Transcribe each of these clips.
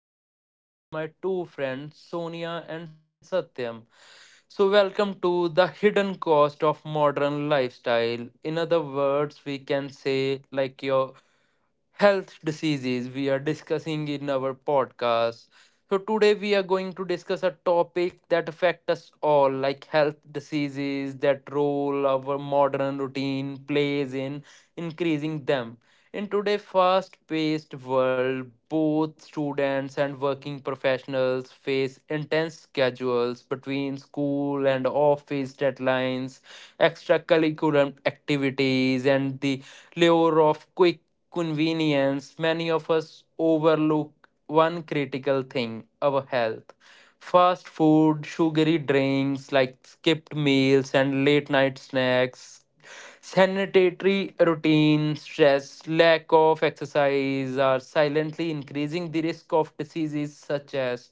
Satwinder and with my two friends Sonia and Satyam. So welcome to the hidden cost of modern lifestyle. In other words, we can say like your health diseases we are discussing in our podcast. So today we are going to discuss a topic that affect us all like health diseases that role our modern routine plays in increasing them. In today's fast-paced world, both students and working professionals face intense schedules between school and office deadlines, extracurricular activities and the lure of quick convenience, many of us overlook one critical thing our health. Fast food, sugary drinks like skipped meals and late night snacks, sanitary routine, stress, lack of exercise are silently increasing the risk of diseases such as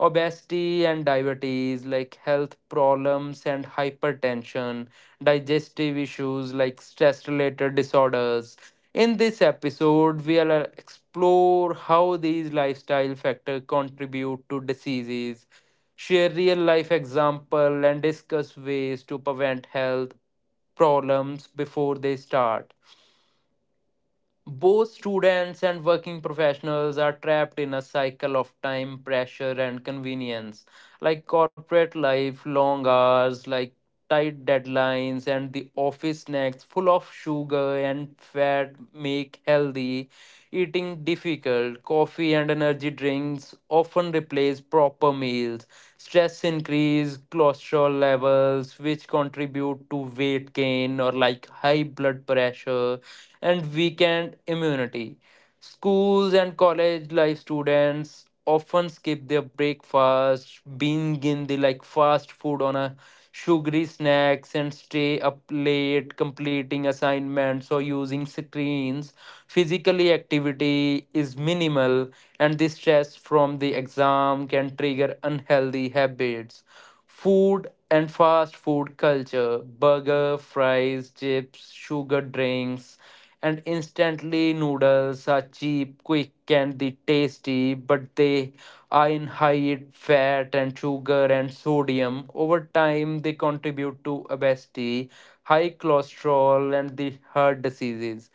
obesity and diabetes like health problems and hypertension digestive issues like stress related disorders. In this episode, we'll explore how these lifestyle factors contribute to diseases, share real life example, and discuss ways to prevent health problems before they start. Both students and working professionals are trapped in a cycle of time, pressure, and convenience, like corporate life, long hours, like tight deadlines, and the office snacks full of sugar and fat make healthy eating difficult. Coffee and energy drinks often replace proper meals. Stress increase cholesterol levels, which contribute to weight gain or like high blood pressure and weakened immunity. Schools and college life students often skip their breakfast, being in the like fast food on a sugary snacks and stay up late completing assignments or using screens. Physically activity is minimal and the stress from the exam can trigger unhealthy habits. Food and fast food culture, burger fries chips sugar drinks and instantly noodles are cheap quick and the tasty, but they are in high fat and sugar and sodium. Over time they contribute to obesity, high cholesterol and the heart diseases.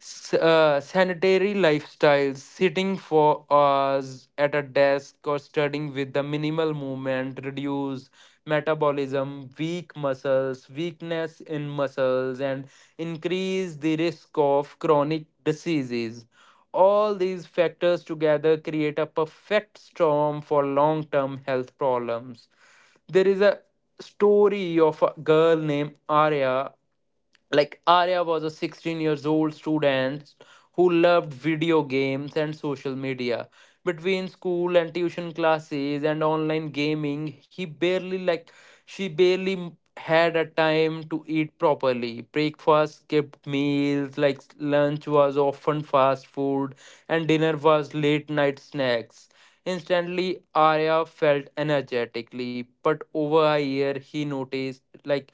Sanitary lifestyles, sitting for hours at a desk or studying with the minimal movement, reduce metabolism, weak muscles, weakness in muscles, and increase the risk of chronic diseases. All these factors together create a perfect storm for long term health problems. There is a story of a girl named Arya. Like Arya was a 16 years old student who loved video games and social media. Between school and tuition classes and online gaming, he barely like she barely had a time to eat properly. Breakfast skipped meals, like lunch was often fast food, and dinner was late night snacks. Instantly, Arya felt energetically, but over a year, he noticed like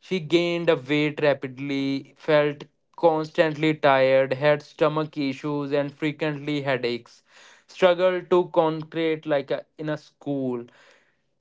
she gained a weight rapidly, felt constantly tired, had stomach issues, and frequently headaches. Struggled to concentrate like a, in a school.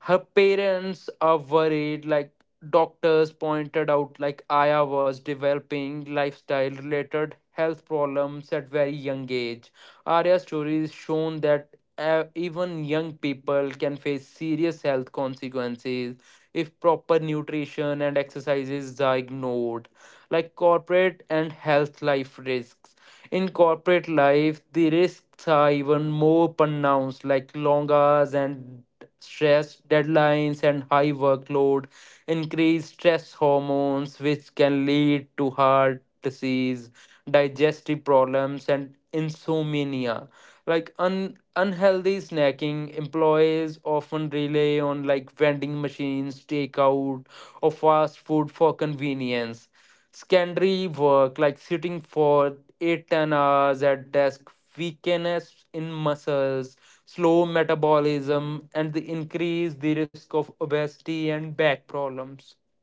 Her parents are worried like doctors pointed out like aya was developing lifestyle related health problems at very young age. Arya's story is shown that even young people can face serious health consequences if proper nutrition and exercises are ignored. Like corporate and health life risks. In corporate life, the risks are even more pronounced, like long hours and stress, deadlines, and high workload, increased stress hormones, which can lead to heart disease, digestive problems, and insomnia. Like unhealthy snacking, employees often rely on like vending machines, takeout, or fast food for convenience. Sedentary work, like sitting for 8 10 hours at desk, weakness in muscles, slow metabolism, and the increase the risk of obesity and back problems.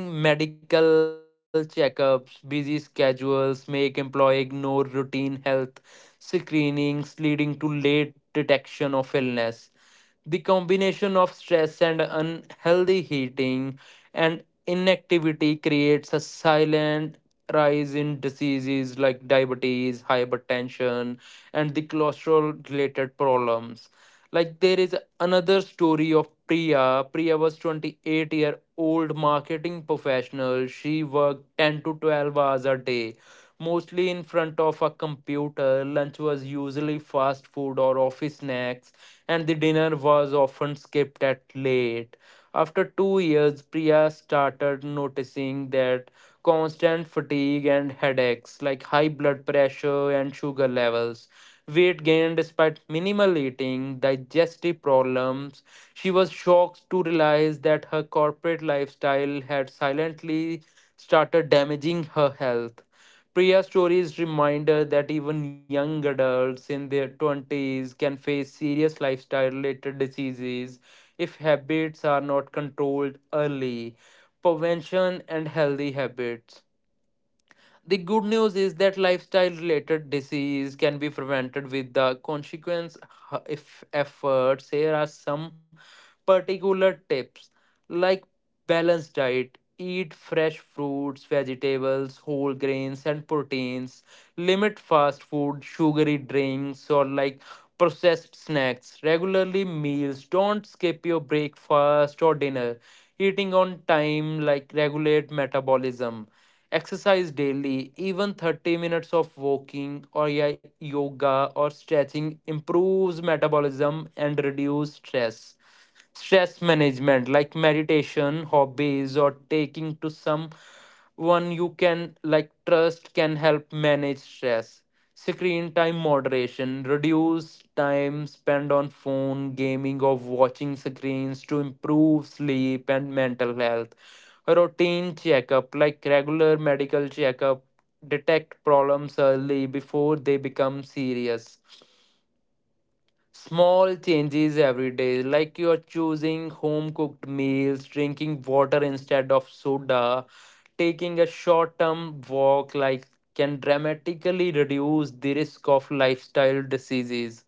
Neglecting medical checkups, busy schedules make employee ignore routine health screenings leading to late detection of illness. The combination of stress and unhealthy heating and inactivity creates a silent rise in diseases like diabetes, hypertension, and the cholesterol related problems. Like there is another story of Priya. Priya was 28-year-old marketing professional. She worked 10 to 12 hours a day, mostly in front of a computer. Lunch was usually fast food or office snacks and the dinner was often skipped at late. After 2 years, Priya started noticing that constant fatigue and headaches, like high blood pressure and sugar levels, weight gain despite minimal eating, digestive problems. She was shocked to realize that her corporate lifestyle had silently started damaging her health. Priya's stories reminder that even young adults in their 20s can face serious lifestyle related diseases if habits are not controlled early. Prevention and healthy habits. The good news is that lifestyle related disease can be prevented with the consequence if efforts. Here are some particular tips like balanced diet, eat fresh fruits, vegetables, whole grains and proteins, limit fast food, sugary drinks or like processed snacks, regularly meals, don't skip your breakfast or dinner. Eating on time like regulate metabolism. Exercise daily, even 30 minutes of walking or yoga or stretching improves metabolism and reduce stress. Stress management like meditation hobbies or taking to someone you can like trust can help manage stress. Screen time moderation, reduce time spent on phone gaming or watching screens to improve sleep and mental health. Routine checkup like regular medical checkup detect problems early before they become serious. Small changes every day, like you're choosing home cooked meals, drinking water instead of soda, taking a short term walk, like can dramatically reduce the risk of lifestyle diseases.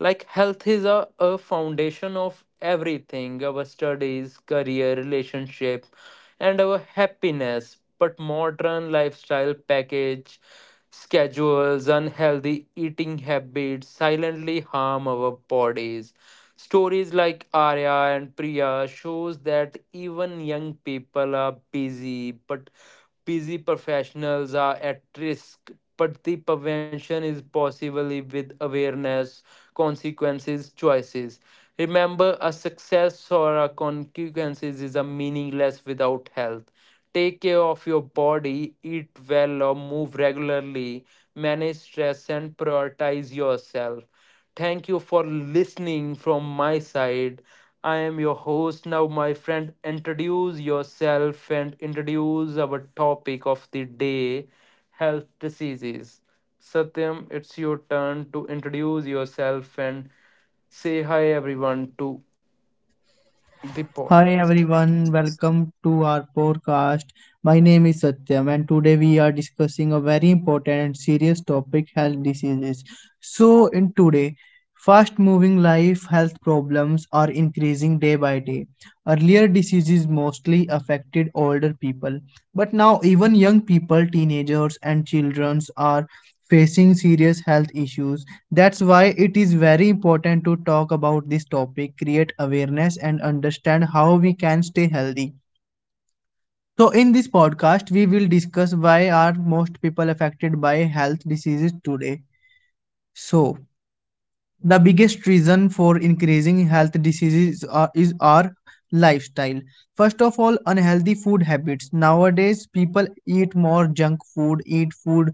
Like, health is a foundation of everything, our studies, career, relationship, and our happiness. But modern lifestyle package schedules, unhealthy eating habits silently harm our bodies. Stories like Arya and Priya shows that even young people are busy but busy professionals are at risk, but the prevention is possibly with awareness, consequences, choices. Remember, a success or a consequences is a meaningless without health. Take care of your body, eat well or move regularly, manage stress and prioritize yourself. Thank you for listening from my side. I am your host. Now, my friend, introduce yourself and introduce our topic of the day, health diseases. Satyam, it's your turn to introduce yourself and say hi, everyone, to the Hi podcast. everyone, welcome to our podcast. My name is Satyam, and today we are discussing a very important and serious topic health diseases. So, in today, fast moving life health problems are increasing day by day. Earlier, diseases mostly affected older people, but now, even young people, teenagers, and children are facing serious health issues. That's why it is very important to talk about this topic, create awareness, and understand how we can stay healthy. So, in this podcast, we will discuss why are most people affected by health diseases today. So, the biggest reason for increasing health diseases is our lifestyle. First of all, unhealthy food habits. Nowadays people eat more junk food, eat food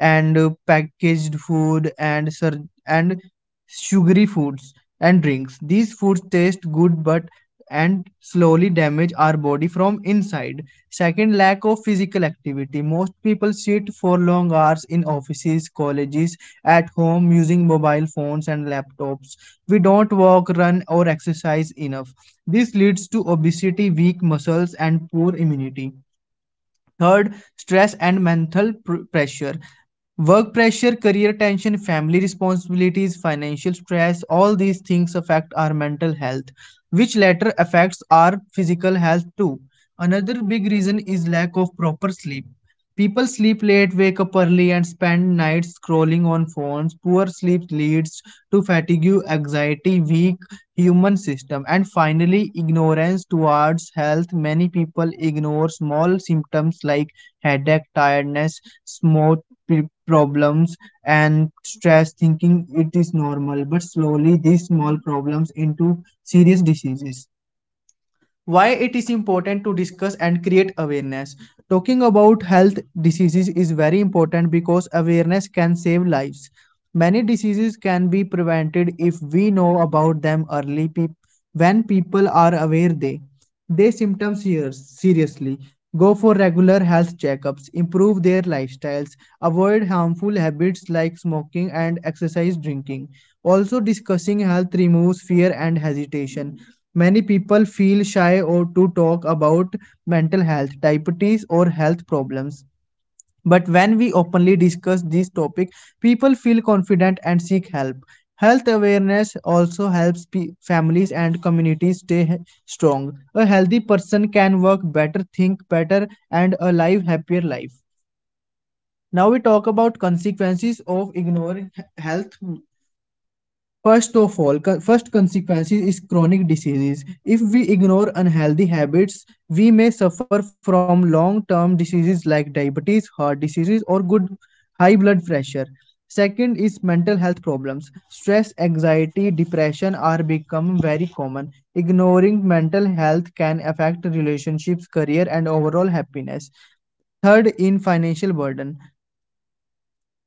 and packaged food and and sugary foods and drinks. These foods taste good but and slowly damage our body from inside. Second, lack of physical activity. Most people sit for long hours in offices, colleges, at home using mobile phones and laptops. We don't walk, run or exercise enough. This leads to obesity, weak muscles and poor immunity. Third, stress and mental pressure. Work pressure, career tension, family responsibilities, financial stress, all these things affect our mental health, which later affects our physical health too. Another big reason is lack of proper sleep. People sleep late, wake up early, and spend nights scrolling on phones. Poor sleep leads to fatigue, anxiety, weak human system. And finally, ignorance towards health. Many people ignore small symptoms like headache, tiredness, smoke problems and stress, thinking it is normal, but slowly these small problems into serious diseases. Why it is important to discuss and create awareness. Talking about health diseases is very important because awareness can save lives. Many diseases can be prevented if we know about them early. When people are aware, they their symptoms here seriously, go for regular health checkups, improve their lifestyles, avoid harmful habits like smoking and exercise drinking. Also, discussing health removes fear and hesitation. Many people feel shy or to talk about mental health, diabetes or health problems. But when we openly discuss this topic, people feel confident and seek help. Health awareness also helps families and communities stay strong. A healthy person can work better, think better and a live happier life. Now we talk about consequences of ignoring health. First of all, first consequence is chronic diseases. If we ignore unhealthy habits, we may suffer from long-term diseases like diabetes, heart diseases, or good high blood pressure. Second is mental health problems. Stress, anxiety, depression are become very common. Ignoring mental health can affect relationships, career, and overall happiness. Third, in financial burden.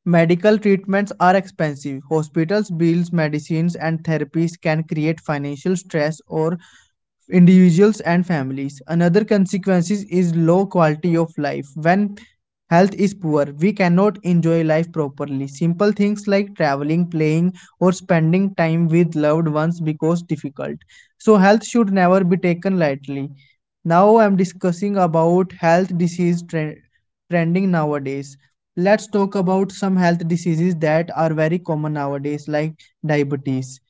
Medical treatments are expensive. Hospitals, bills, medicines, and therapies can create financial stress or individuals and families. Another consequence is low quality of life. When health is poor, we cannot enjoy life properly. Simple things like traveling, playing, or spending time with loved ones becomes difficult. So health should never be taken lightly. Now I'm discussing about health disease trending nowadays. Let's talk about some health diseases that are very common nowadays, like diabetes.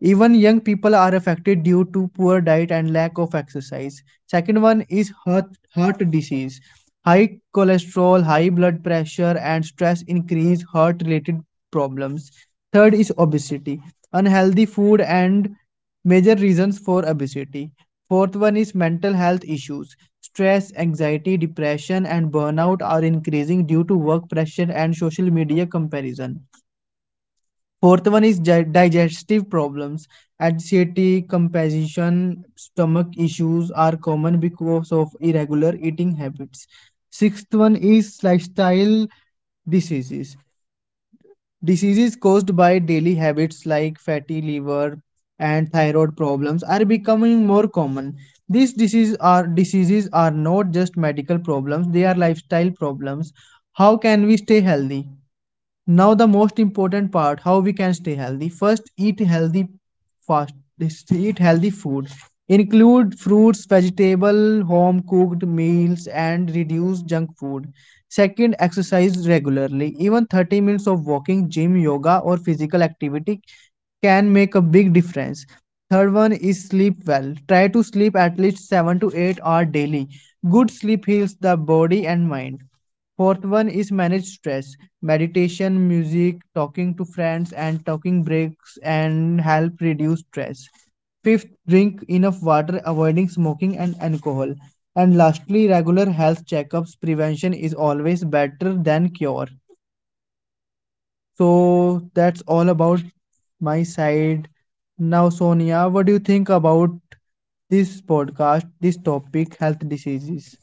Even young people are affected due to poor diet and lack of exercise. Second one is heart disease. High cholesterol, high blood pressure, and stress increase heart related problems. Third is obesity. Unhealthy food and major reasons for obesity. Fourth one is mental health issues. Stress, anxiety, depression, and burnout are increasing due to work pressure and social media comparison. Fourth one is digestive problems. Anxiety, compassion, stomach issues are common because of irregular eating habits. Sixth one is lifestyle diseases. Diseases caused by daily habits like fatty liver and thyroid problems are becoming more common. These diseases are not just medical problems, they are lifestyle problems. How can we stay healthy? Now the most important part, how we can stay healthy. First, fast eat healthy food. Include fruits, vegetable, home cooked meals and reduce junk food. Second, exercise regularly. Even 30 minutes of walking, gym, yoga or physical activity can make a big difference. Third one is sleep well. Try to sleep at least 7 to 8 hours daily. Good sleep heals the body and mind. Fourth one is manage stress. Meditation, music, talking to friends, and talking breaks and help reduce stress. Fifth, drink enough water, avoiding smoking and alcohol. And lastly, regular health checkups. Prevention is always better than cure. So that's all about my side. Now, Sonia, what do you think about this podcast, this topic, health diseases?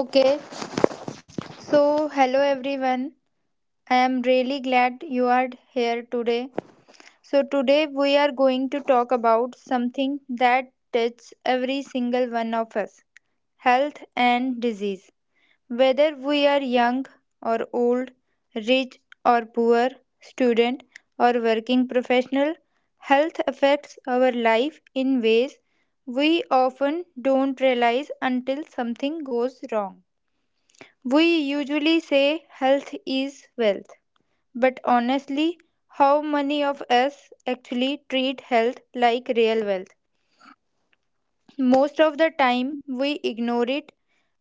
Okay, so hello everyone. I am really glad you are here today. So, today we are going to talk about something that touches every single one of us, health and disease. Whether we are young or old, rich or poor, student or working professional, health affects our life in ways we often don't realize until something goes wrong. We usually say health is wealth, but honestly, how many of us actually treat health like real wealth? Most of the time, we ignore it.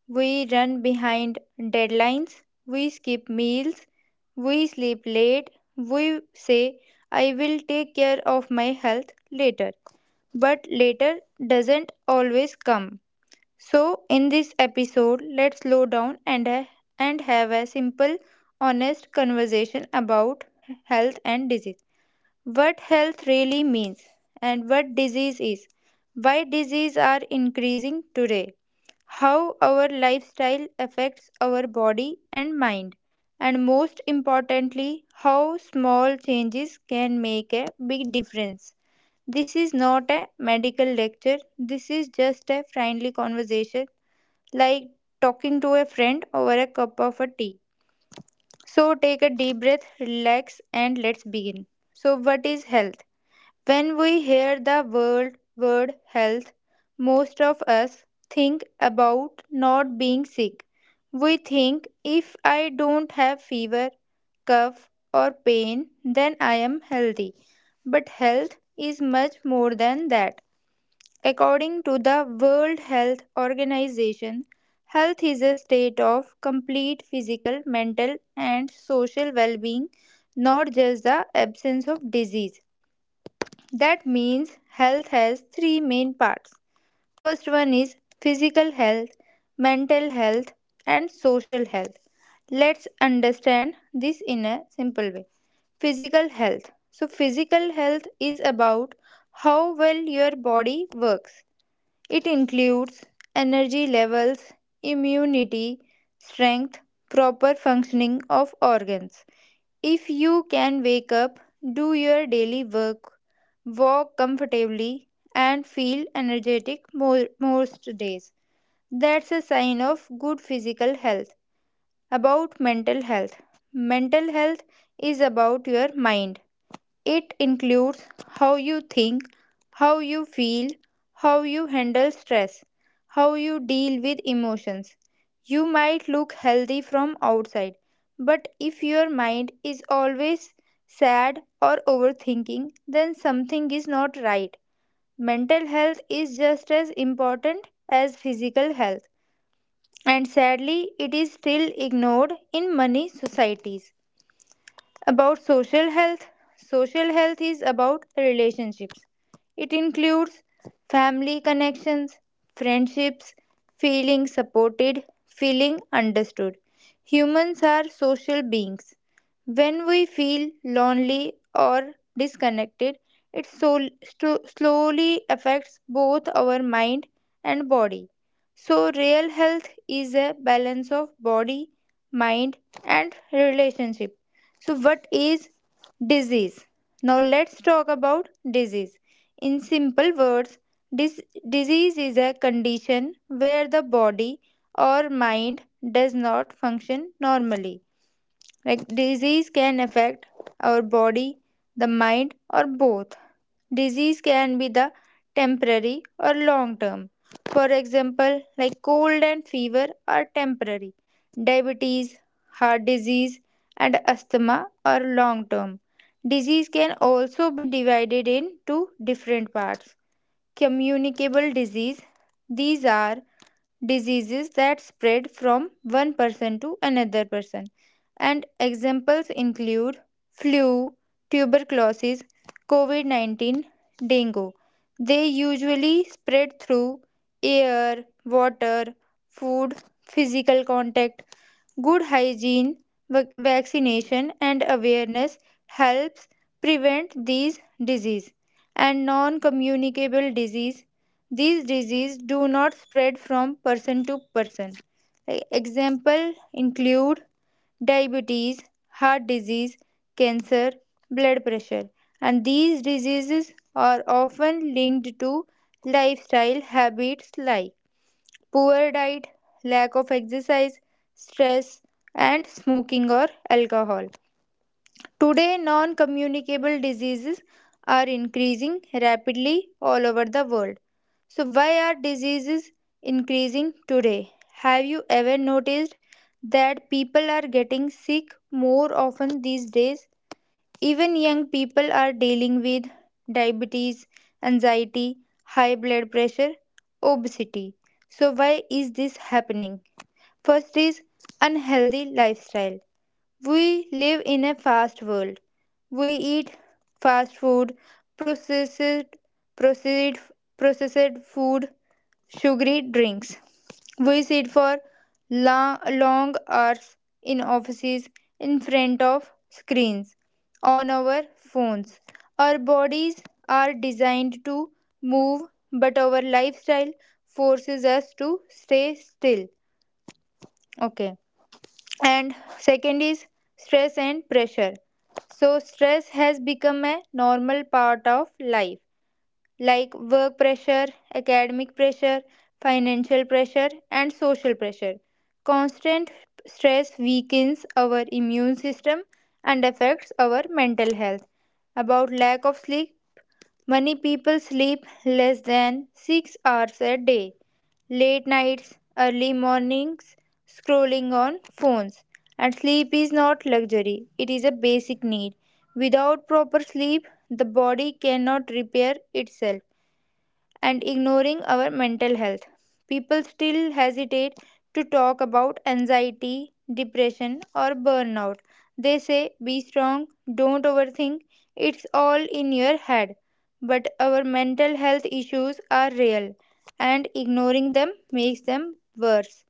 We run behind deadlines. We skip meals. We sleep late. We say, I will take care of my health later. But later doesn't always come. So, in this episode, let's slow down and, and have a simple, honest conversation about health and disease. What health really means and what disease is. Why disease are increasing today. How our lifestyle affects our body and mind. And most importantly, how small changes can make a big difference. This is not a medical lecture. This is just a friendly conversation like talking to a friend over a cup of a tea. So take a deep breath, relax, and let's begin. So, what is health? When we hear the word health, most of us think about not being sick. We think if I don't have fever, cough, or pain, then I am healthy. But health is much more than that. According to the World Health Organization, health is a state of complete physical, mental, and social well being, not just the absence of disease. That means health has three main parts. First one is physical health, mental health, and social health. Let's understand this in a simple way. Physical health. So, physical health is about how well your body works. It includes energy levels, immunity, strength, proper functioning of organs. If you can wake up, do your daily work, walk comfortably, and feel energetic most days, that's a sign of good physical health. About mental health is about your mind. It includes how you think, how you feel, how you handle stress, how you deal with emotions. You might look healthy from outside, but if your mind is always sad or overthinking, then something is not right. Mental health is just as important as physical health, and sadly, it is still ignored in many societies. About social health is about relationships. It includes family connections, friendships, feeling supported, feeling understood. Humans are social beings. When we feel lonely or disconnected, it slowly affects both our mind and body. So, real health is a balance of body, mind, and relationship. So, what is disease? Now, let's talk about disease. In simple words, dis- disease is a condition where the body or mind does not function normally. Like, disease can affect our body, the mind, or both. Disease can be the temporary or long term. For example, like cold and fever are temporary. Diabetes, heart disease, and asthma are long term. Disease can also be divided into different parts. Communicable disease, these are diseases that spread from one person to another person. And examples include flu, tuberculosis, COVID 19, dengue. They usually spread through air, water, food, physical contact. Good hygiene, vaccination and awareness helps prevent these disease, and non-communicable disease. These disease do not spread from person to person. E- Example include diabetes, heart disease, cancer, blood pressure. And these diseases are often linked to lifestyle habits like poor diet, lack of exercise, stress, and smoking or alcohol. Today, non communicable diseases are increasing rapidly all over the world. So, why are diseases increasing today? Have you ever noticed that people are getting sick more often these days? Even young people are dealing with diabetes, anxiety, high blood pressure, obesity. So, why is this happening? First is unhealthy lifestyle. We live in a fast world. We eat fast food, processed, processed, processed food, sugary drinks. We sit for long hours in offices, in front of screens, on our phones. Our bodies are designed to move, but our lifestyle forces us to stay still. Okay. And second is stress and pressure. So, stress has become a normal part of life, like work pressure, academic pressure, financial pressure, and social pressure. Constant stress weakens our immune system and affects our mental health. About lack of sleep, many people sleep less than 6 hours a day. Late nights, early mornings, scrolling on phones. And sleep is not luxury, it is a basic need. Without proper sleep, the body cannot repair itself, and ignoring our mental health. People still hesitate to talk about anxiety, depression, or burnout. They say, be strong, don't overthink, it's all in your head. But our mental health issues are real, and ignoring them makes them worse.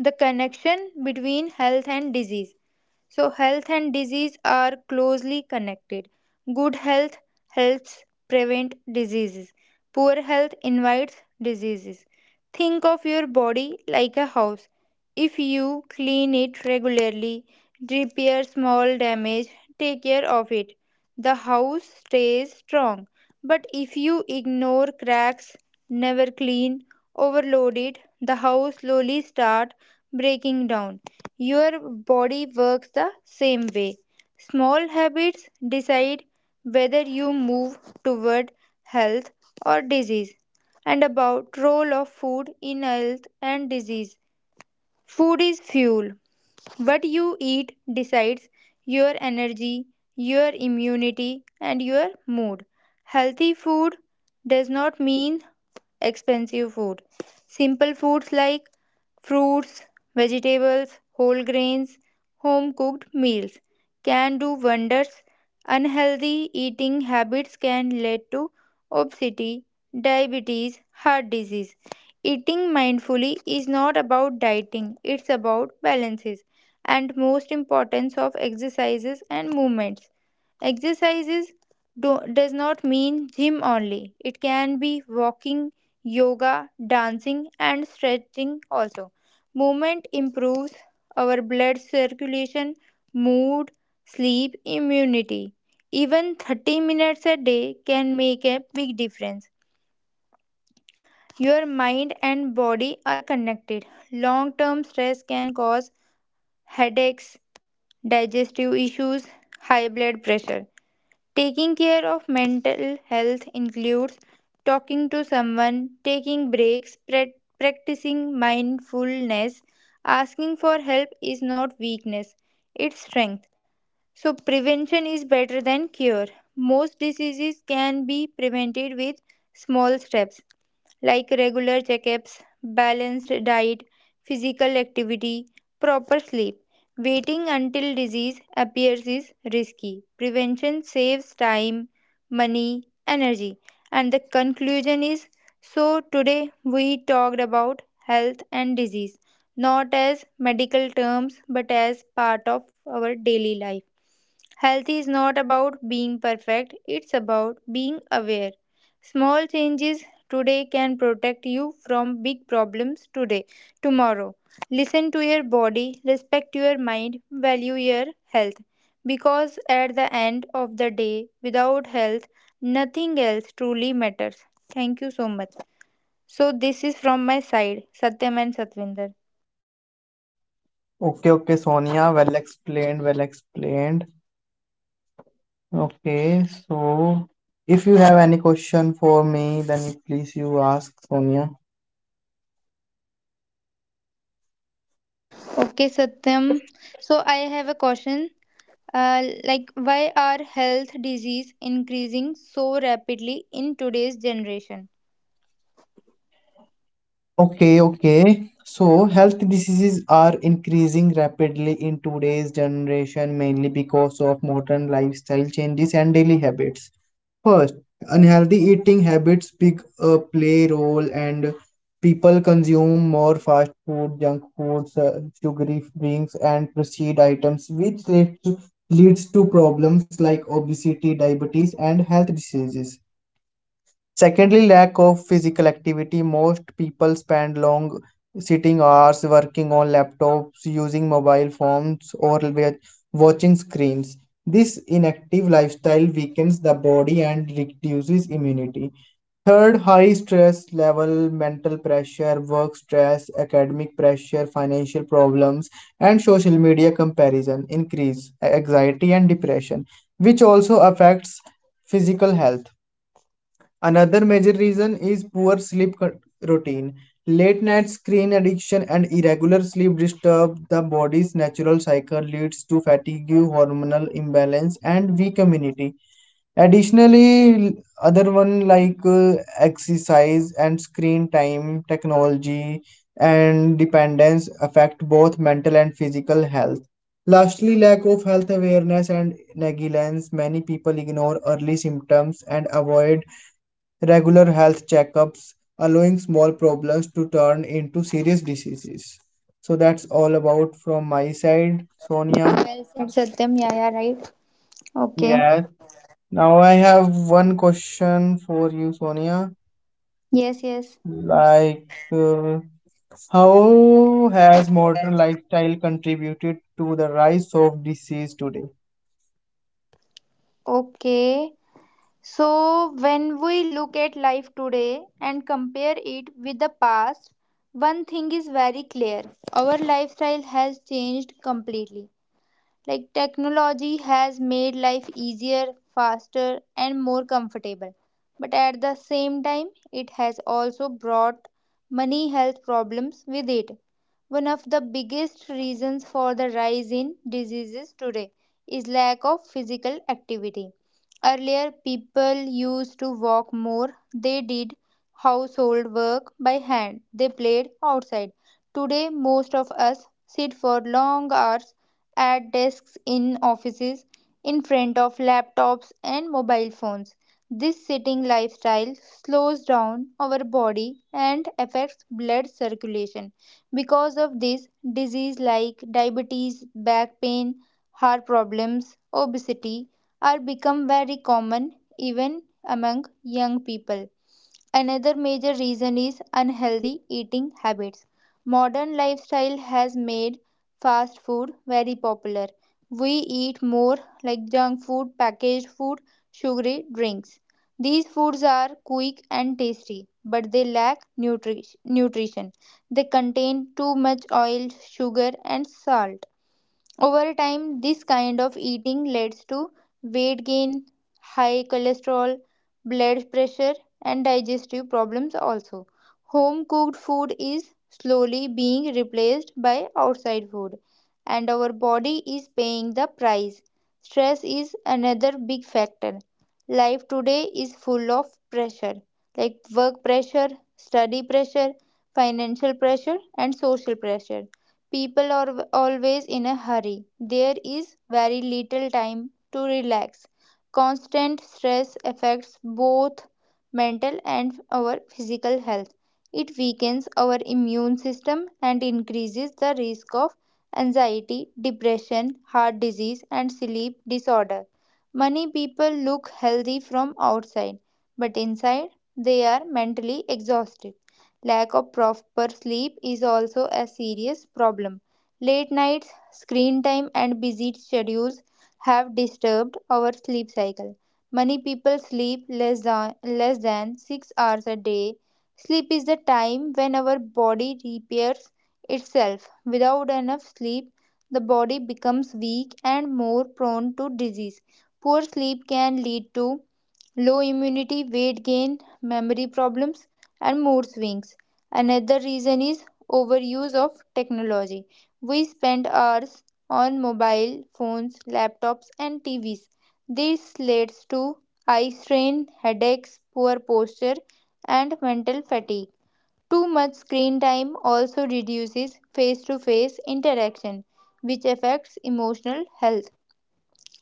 The connection between health and disease. So, health and disease are closely connected. Good health helps prevent diseases, poor health invites diseases. Think of your body like a house. If you clean it regularly, repair small damage, take care of it, the house stays strong. But if you ignore cracks, never clean, overload it, the house slowly starts breaking down. Your body works the same way. Small habits decide whether you move toward health or disease. And about role of food in health and disease. Food is fuel. What you eat decides your energy, your immunity and your mood. Healthy food does not mean expensive food. Simple foods like fruits, vegetables, whole grains, home cooked meals can do wonders. Unhealthy eating habits can lead to obesity, diabetes, heart disease. Eating mindfully is not about dieting, it's about balances, and most importance of exercises and movements. Exercise is, do, does not mean gym only. It can be walking, yoga, dancing, and stretching also. Movement improves our blood circulation, mood, sleep, immunity. Even 30 minutes a day can make a big difference. Your mind and body are connected. Long term stress can cause headaches, digestive issues, high blood pressure. Taking care of mental health includes talking to someone, taking breaks, practicing mindfulness. Asking for help is not weakness, it's strength. So, prevention is better than cure. Most diseases can be prevented with small steps like regular checkups, balanced diet, physical activity, proper sleep. Waiting until disease appears is risky. Prevention saves time, money, energy. And the conclusion is, so today we talked about health and disease, not as medical terms but as part of our daily life. Health is not about being perfect, it's about being aware. Small changes today can protect you from big problems today, tomorrow. Listen to your body, respect your mind, value your health. Because at the end of the day, without health, nothing else truly matters. Thank you so much. So, this is from my side, Satyam and Satvinder. Okay, okay, Sonia. Well explained, well explained. Okay, so if you have any question for me, then please you ask, Sonia. Okay, Satyam. So, I have a question. Like why are health disease increasing so rapidly in today's generation? Okay, okay. So, health diseases are increasing rapidly in today's generation mainly because of modern lifestyle changes and daily habits. First, unhealthy eating habits big, play role, and people consume more fast food, junk foods, sugary drinks and processed items which leads to problems like obesity, diabetes and health diseases. Secondly, lack of physical activity. Most people spend long sitting hours working on laptops, using mobile phones, or watching screens. This inactive lifestyle weakens the body and reduces immunity. Third, high stress level, mental pressure, work stress, academic pressure, financial problems, and social media comparison increase anxiety and depression, which also affects physical health. Another major reason is poor sleep routine. Late night screen addiction and irregular sleep disturb the body's natural cycle, leads to fatigue, hormonal imbalance, and weak immunity. Additionally, other one like exercise and screen time, technology, and dependence affect both mental and physical health. Lastly, lack of health awareness and negligence. Many people ignore early symptoms and avoid regular health checkups, allowing small problems to turn into serious diseases. So that's all about from my side, Sonia. Well said, Satyam. Yeah, yeah, right. Okay. Yeah. Now I have one question for you, Sonia. Yes, yes. Like, uh, how has modern lifestyle contributed to the rise of disease today? Okay. So, when we look at life today and compare it with the past, one thing is very clear. Our lifestyle has changed completely. Like technology has made life easier, faster, and more comfortable. But at the same time, it has also brought many health problems with it. One of the biggest reasons for the rise in diseases today is lack of physical activity. Earlier, people used to walk more, they did household work by hand, they played outside. Today, most of us sit for long hours at desks in offices, in front of laptops and mobile phones. This sitting lifestyle slows down our body and affects blood circulation. Because of this, disease like diabetes, back pain, heart problems, obesity are become very common even among young people. Another major reason is unhealthy eating habits. Modern lifestyle has made fast food very popular. We eat more like junk food, packaged food, sugary drinks. These foods are quick and tasty, but they lack nutrition. They contain too much oil, sugar, and salt. Over time, this kind of eating leads to weight gain, high cholesterol, blood pressure, and digestive problems also. Home cooked food is slowly being replaced by outside food, and our body is paying the price. Stress is another big factor. Life today is full of pressure like work pressure, study pressure, financial pressure, and social pressure. People are always in a hurry. There is very little time to relax. Constant stress affects both mental and our physical health. It weakens our immune system and increases the risk of anxiety, depression, heart disease, and sleep disorder. Many people look healthy from outside, but inside they are mentally exhausted. Lack of proper sleep is also a serious problem. Late nights, screen time, and busy schedules have disturbed our sleep cycle. Many people sleep less than 6 hours a day. Sleep is the time when our body repairs itself. Without enough sleep, the body becomes weak and more prone to disease. Poor sleep can lead to low immunity, weight gain, memory problems, and mood swings. Another reason is overuse of technology. We spend hours on mobile phones, laptops, and TVs. This leads to eye strain, headaches, poor posture, and mental fatigue. Too much screen time also reduces face to face interaction, which affects emotional health.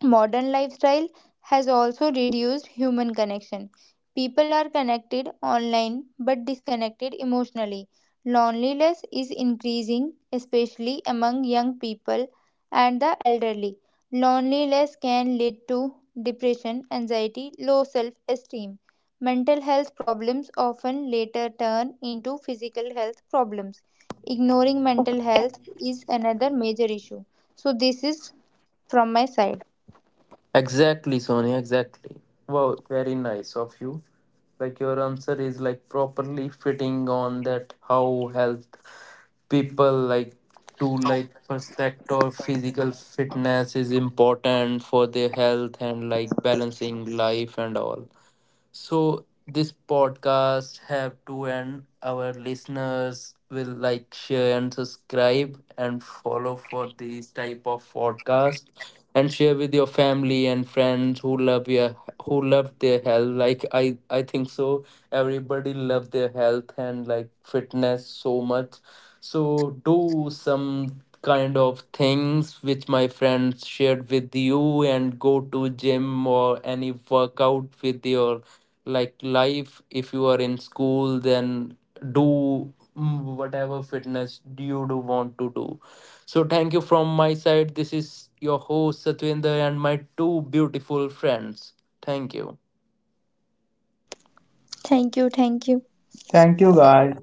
Modern lifestyle has also reduced human connection. People are connected online but disconnected emotionally. Loneliness is increasing, especially among young people and the elderly. Loneliness can lead to depression, anxiety, low self esteem. Mental health problems often later turn into physical health problems. Ignoring mental health is another major issue. So, this is from my side. Exactly, Sonia, exactly. Wow, very nice of you. Like your answer is like properly fitting on that how health people like to like perspective or physical fitness is important for their health and like balancing life and all. So this podcast have to end. Our listeners will like share and subscribe and follow for these type of podcast and share with your family and friends who love your who love their health. Like I think so everybody love their health and like fitness so much. So do some kind of things which my friends shared with you and go to gym or any workout with your like life. If you are in school, then do, mm, whatever fitness do you do want to do. So thank you from my side. This is your host Satwinder and my two beautiful friends. Thank you. Thank you, thank you. Thank you, guys.